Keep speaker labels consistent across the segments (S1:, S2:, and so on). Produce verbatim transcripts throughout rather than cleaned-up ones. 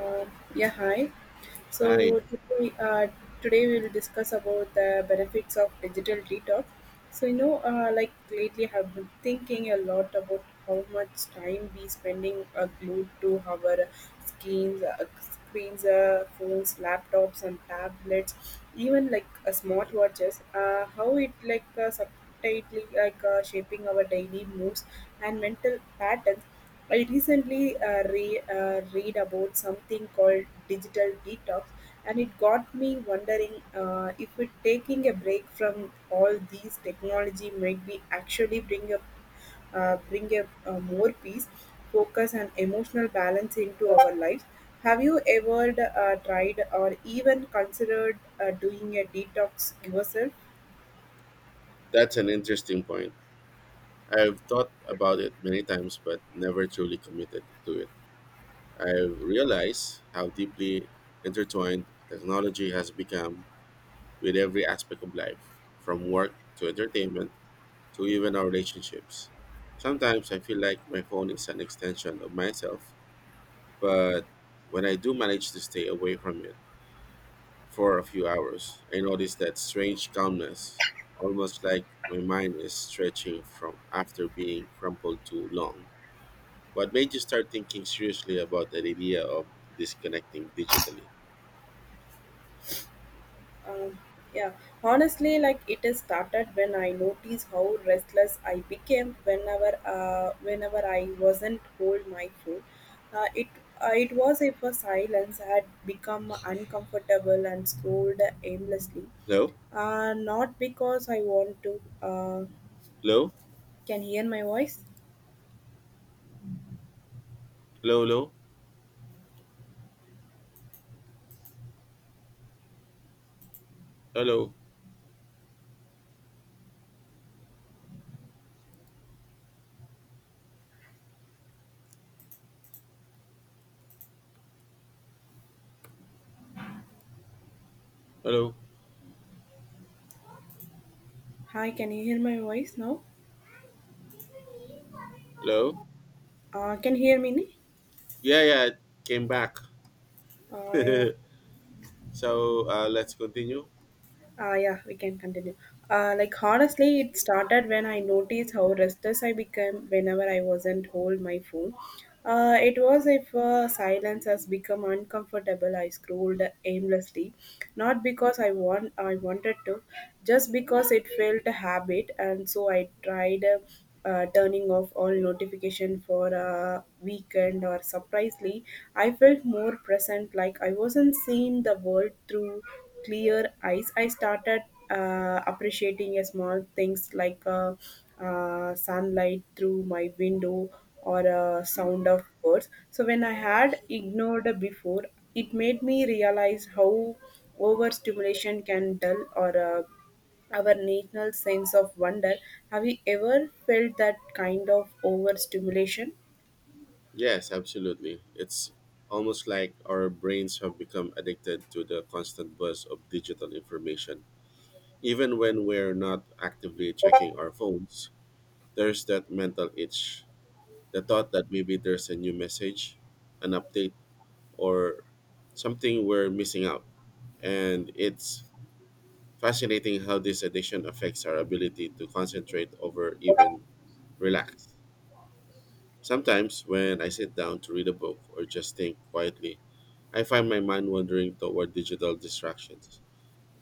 S1: Uh, yeah, Hi.
S2: Hi,
S1: So today, uh, today we will discuss about the benefits of digital detox. So you know, uh, like lately, I have been thinking a lot about how much time we spending uh, glued to our screens, uh, screens, uh, phones, laptops, and tablets, even like uh, smartwatches. Uh, how it like uh, subtly like uh, shaping our daily moods and mental patterns. I recently uh, re- uh, read about something called digital detox, and it got me wondering uh, if it, taking a break from all these technology might be actually bring a uh, bring a, uh more peace, focus, and emotional balance into our lives. Have you ever uh, tried or even considered uh, doing a detox yourself?
S2: that's an interesting point. I've thought about it many times but never truly committed to it. I've realized how deeply intertwined technology has become with every aspect of life, from work to entertainment to even our relationships. Sometimes I feel like my phone is an extension of myself, but when I do manage to stay away from it for a few hours, I noticed that strange calmness, almost like my mind is stretching from after being crumpled too long. What made you start thinking seriously about the idea of disconnecting digitally?
S1: Um, yeah, Honestly, like it has started when I noticed how restless I became whenever, uh, whenever I wasn't hold my food. Uh, it uh, it was if a silence had become uncomfortable and scrolled aimlessly.
S2: Hello?
S1: Uh, not because I want to. Uh,
S2: Hello?
S1: can hear my voice?
S2: Hello? Hello? Hello? Hello?
S1: Hi, can you hear my voice now?
S2: Hello?
S1: Uh, can you hear me? Ne?
S2: Yeah, yeah, it came back.
S1: Uh, yeah.
S2: So uh, let's continue.
S1: Ah, yeah, we can continue. Uh, like honestly, it started when I noticed how restless I became whenever I wasn't hold my phone. Uh, it was if uh, silence has become uncomfortable. I scrolled aimlessly, not because I want I wanted to, just because it felt a habit. And so I tried uh, uh, turning off all notification for a weekend. Or surprisingly, I felt more present, like I wasn't seeing the world through clear eyes. I started uh, appreciating a small things like uh, uh, sunlight through my window or a
S2: Mm.
S1: sound of birds. So when I had ignored before, it made me realize how overstimulation can dull or uh, our national sense of wonder. Have you ever felt that kind of overstimulation?
S2: Yes, absolutely. It's almost like our brains have become addicted to the constant buzz of digital information. Even when we're not actively checking our phones, there's that mental itch. The thought that maybe there's a new message, an update, or something we're missing out. And it's fascinating how this addiction affects our ability to concentrate or even relax. Sometimes when I sit down to read a book or just think quietly, I find my mind wandering toward digital distractions.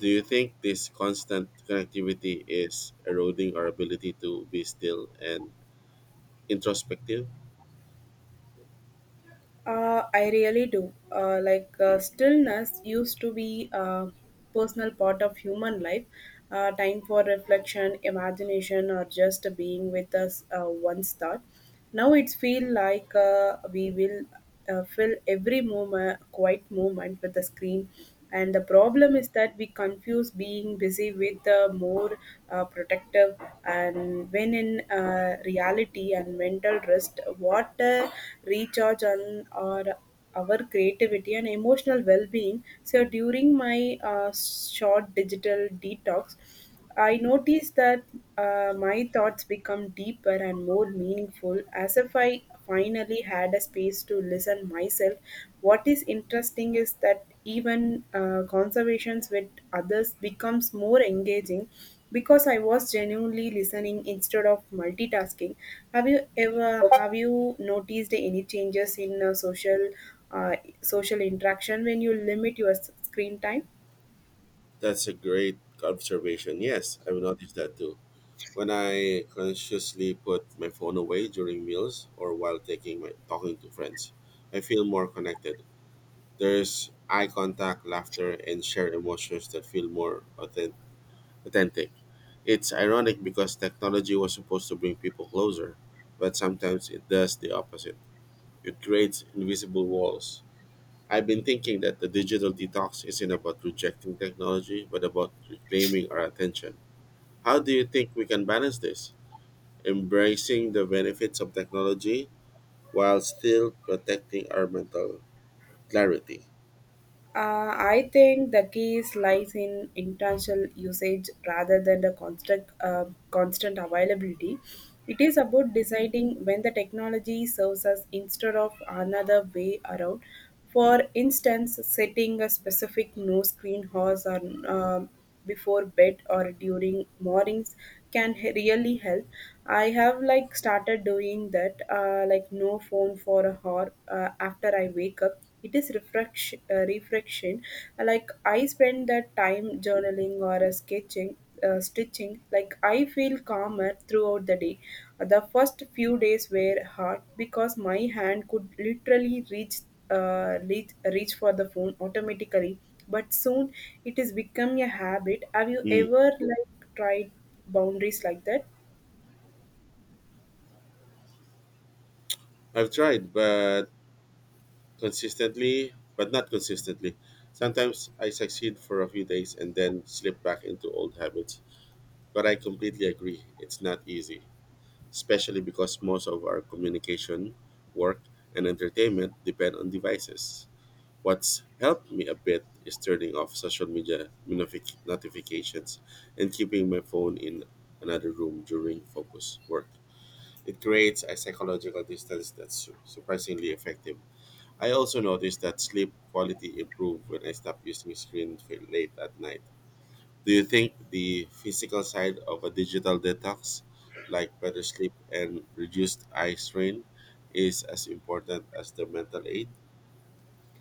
S2: Do you think this constant connectivity is eroding our ability to be still and introspective?
S1: Uh, I really do. Uh, like uh, stillness used to be a personal part of human life, uh, time for reflection, imagination, or just being with us uh, once thought. Now it's feel like uh, we will uh, fill every moment, quiet moment with the screen. And the problem is that we confuse being busy with the more uh, protective, and when in uh, reality and mental rest, what uh, recharge on or our creativity and emotional well-being. So during my uh, short digital detox, I noticed that uh, my thoughts become deeper and more meaningful, as if I finally had a space to listen myself. What is interesting is that even uh, conversations with others becomes more engaging because I was genuinely listening instead of multitasking. Have you ever have you noticed any changes in uh, social uh, social interaction when you limit your s- screen time?
S2: That's a great observation. Yes, I've noticed that too. When I consciously put my phone away during meals or while taking my talking to friends, I feel more connected. There's eye contact, laughter, and shared emotions that feel more authen- authentic. It's ironic because technology was supposed to bring people closer, but sometimes it does the opposite. It creates invisible walls. I've been thinking that the digital detox isn't about rejecting technology, but about reclaiming our attention. How do you think we can balance this? Embracing the benefits of technology while still protecting our mental clarity.
S1: Uh, I think the key lies in intentional usage rather than the constant, uh, constant availability. It is about deciding when the technology serves us instead of another way around. For instance, setting a specific no screen hours or uh, before bed or during mornings can he- really help. I have like started doing that, uh, like no phone for a hour uh, after I wake up. It is refresh, uh, reflection. Like I spend that time journaling or uh, sketching, uh, stitching. Like I feel calmer throughout the day. The first few days were hard because my hand could literally reach uh, reach reach for the phone automatically, but soon it is become a habit. Have you
S2: Mm.
S1: ever like tried boundaries like that?
S2: I've tried, but consistently, but not consistently. Sometimes I succeed for a few days and then slip back into old habits. But I completely agree, it's not easy, especially because most of our communication, work, and entertainment depend on devices. What's helped me a bit is turning off social media notific- notifications and keeping my phone in another room during focus work. It creates a psychological distance that's su- surprisingly effective. I also noticed that sleep quality improved when I stopped using screen fa- late at night. Do you think the physical side of a digital detox, like better sleep and reduced eye strain, is as important as the mental aid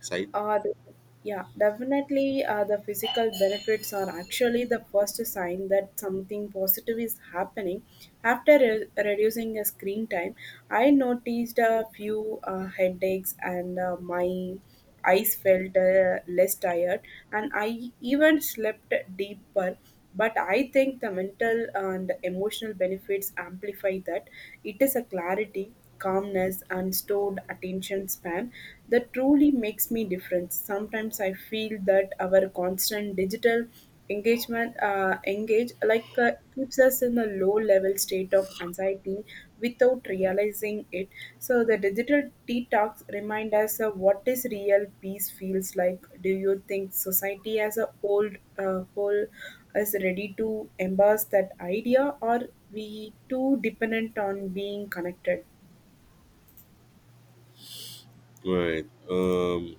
S2: side?
S1: Uh, the- yeah, Definitely. Uh, the physical benefits are actually the first sign that something positive is happening. After re- reducing a screen time, I noticed a few uh, headaches and uh, my eyes felt uh, less tired, and I even slept deeper. But I think the mental and emotional benefits amplify that. It is a clarity, calmness, and stored attention span that truly makes me different. Sometimes I feel that our constant digital engagement uh, engage like uh, keeps us in a low level state of anxiety without realizing it. So the digital detox remind us of what is real peace feels like. Do you think society as a whole uh, whole is ready to embrace that idea, or we too dependent on being connected?
S2: Right. Um.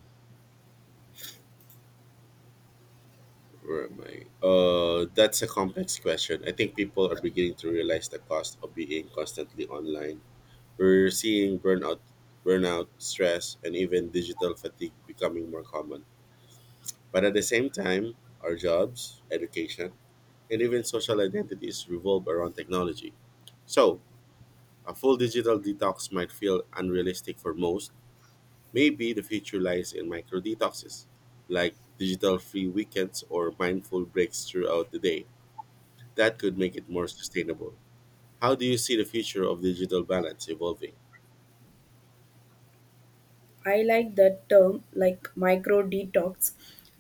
S2: Where am I? Uh, that's a complex question. I think people are beginning to realize the cost of being constantly online. We're seeing burnout, burnout, stress, and even digital fatigue becoming more common. But at the same time, our jobs, education, and even social identities revolve around technology. So, a full digital detox might feel unrealistic for most. Maybe the future lies in micro detoxes, like digital free weekends or mindful breaks throughout the day. That could make it more sustainable. How do you see the future of digital balance evolving?
S1: I like that term, like micro detox.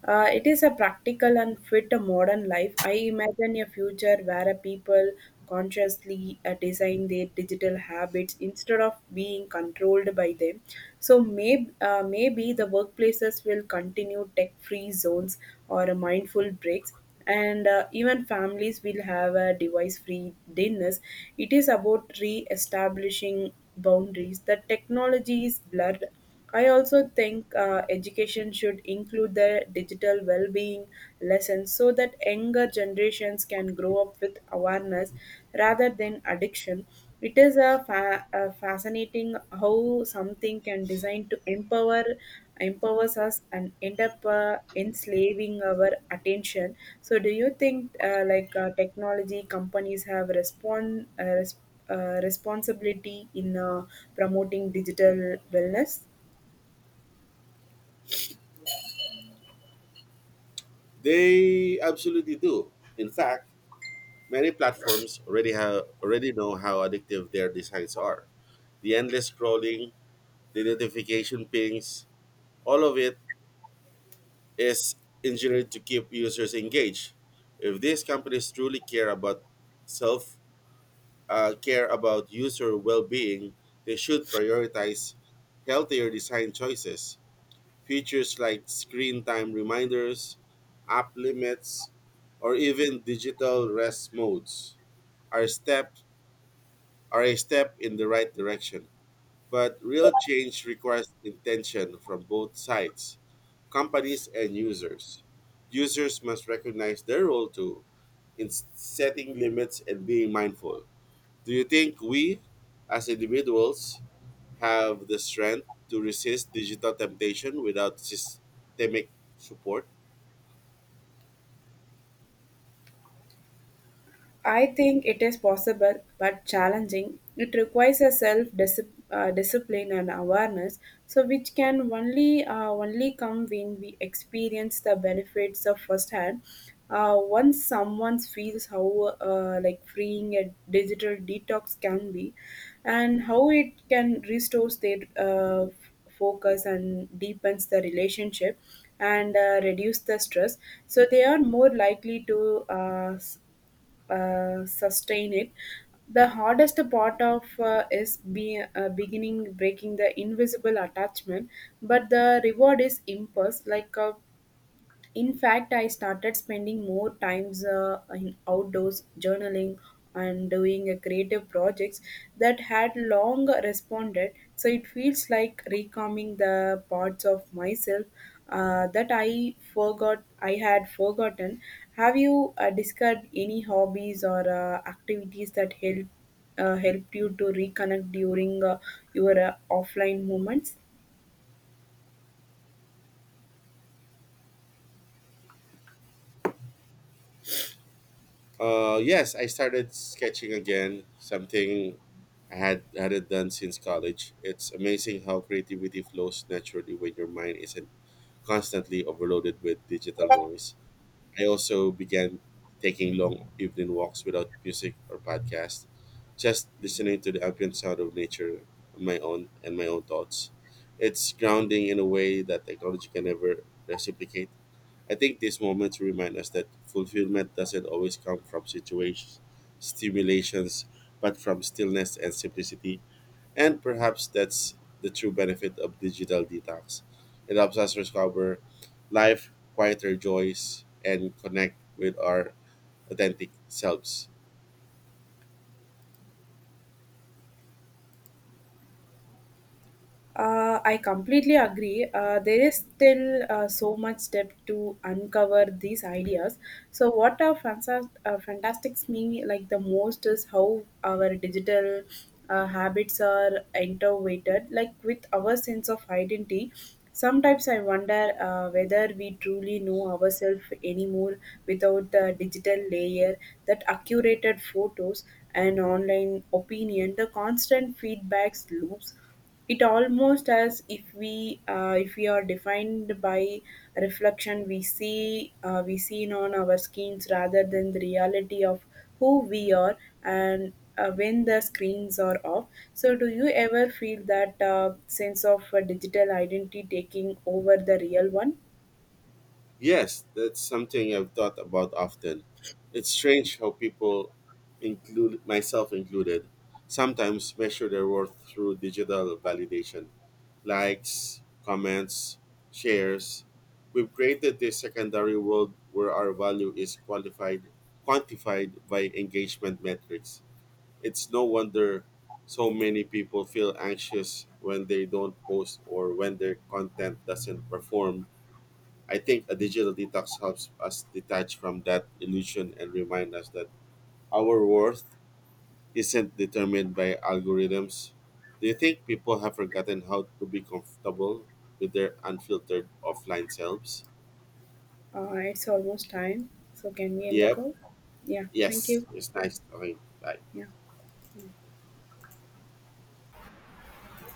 S1: Uh, it is a practical and fit a modern life. I imagine a future where a people consciously uh, design their digital habits instead of being controlled by them. So maybe uh, maybe the workplaces will continue tech-free zones or a mindful breaks, and uh, even families will have a device-free dinners. It is about re-establishing boundaries the technology is blurred. I also think uh, education should include the digital well-being lessons so that younger generations can grow up with awareness rather than addiction. It is a, fa- a fascinating how something can design to empower empowers us and end up uh, enslaving our attention. So, do you think uh, like uh, technology companies have respond uh, res- uh, responsibility in uh, promoting digital wellness?
S2: They absolutely do. In fact, many platforms already have already know how addictive their designs are. The endless scrolling, the notification pings, all of it is engineered to keep users engaged. If these companies truly care about self uh, care about user well-being, they should prioritize healthier design choices. Features like screen time reminders, app limits, or even digital rest modes are step are a step in the right direction. But real change requires intention from both sides, companies and users. Users must recognize their role too in s- setting limits and being mindful. Do you think we, as individuals, have the strength to resist digital temptation without systemic support?
S1: I think it is possible but challenging. It requires a self uh, discipline and awareness, so which can only uh, only come when we experience the benefits of firsthand. Uh, once someone feels how uh, like freeing a digital detox can be, and how it can restores their uh, f- focus and deepens the relationship and uh, reduce the stress, so they are more likely to uh, s- uh, sustain it. The hardest part of uh, is be, uh, beginning breaking the invisible attachment, but the reward is impulse like uh, in fact. I started spending more times uh, in outdoors journaling and doing a creative projects that had long responded. So it feels like recalming the parts of myself uh, that I forgot I had forgotten. Have you uh, discovered any hobbies or uh, activities that help uh, helped you to reconnect during uh, your uh, offline moments?
S2: Uh, yes, I started sketching again, something I had hadn't done since college. It's amazing how creativity flows naturally when your mind isn't constantly overloaded with digital noise. I also began taking long evening walks without music or podcast, just listening to the ambient sound of nature on my own and my own thoughts. It's grounding in a way that technology can never reciprocate. I think these moments remind us that fulfillment doesn't always come from situations, stimulations, but from stillness and simplicity. And perhaps that's the true benefit of digital detox. It helps us discover life, quieter joys, and connect with our authentic selves.
S1: Uh, I completely agree. Uh, there is still uh, so much step to uncover these ideas. So, what uh, fanta- uh, fantastics me like the most is how our digital uh, habits are intertwined, like with our sense of identity. Sometimes I wonder uh, whether we truly know ourselves anymore without the digital layer, that accurate photos and online opinion, the constant feedbacks loops. It almost as if we uh, if we are defined by reflection we see uh, we seen on our screens rather than the reality of who we are, and uh, when the screens are off. So do you ever feel that uh, sense of uh, digital identity taking over the real one?
S2: Yes, that's something I've thought about often. It's strange how people, include myself included, sometimes measure their worth through digital validation. Likes, comments, shares. We've created this secondary world where our value is qualified, quantified by engagement metrics. It's no wonder so many people feel anxious when they don't post or when their content doesn't perform. I think a digital detox helps us detach from that illusion and remind us that our worth isn't determined by algorithms. Do you think people have forgotten how to be comfortable with their unfiltered offline selves?
S1: Uh, it's almost time. So can we end the
S2: Yep.
S1: call? Yeah. Thank
S2: Yes.
S1: you.
S2: It's nice talking. Bye.
S1: Yeah.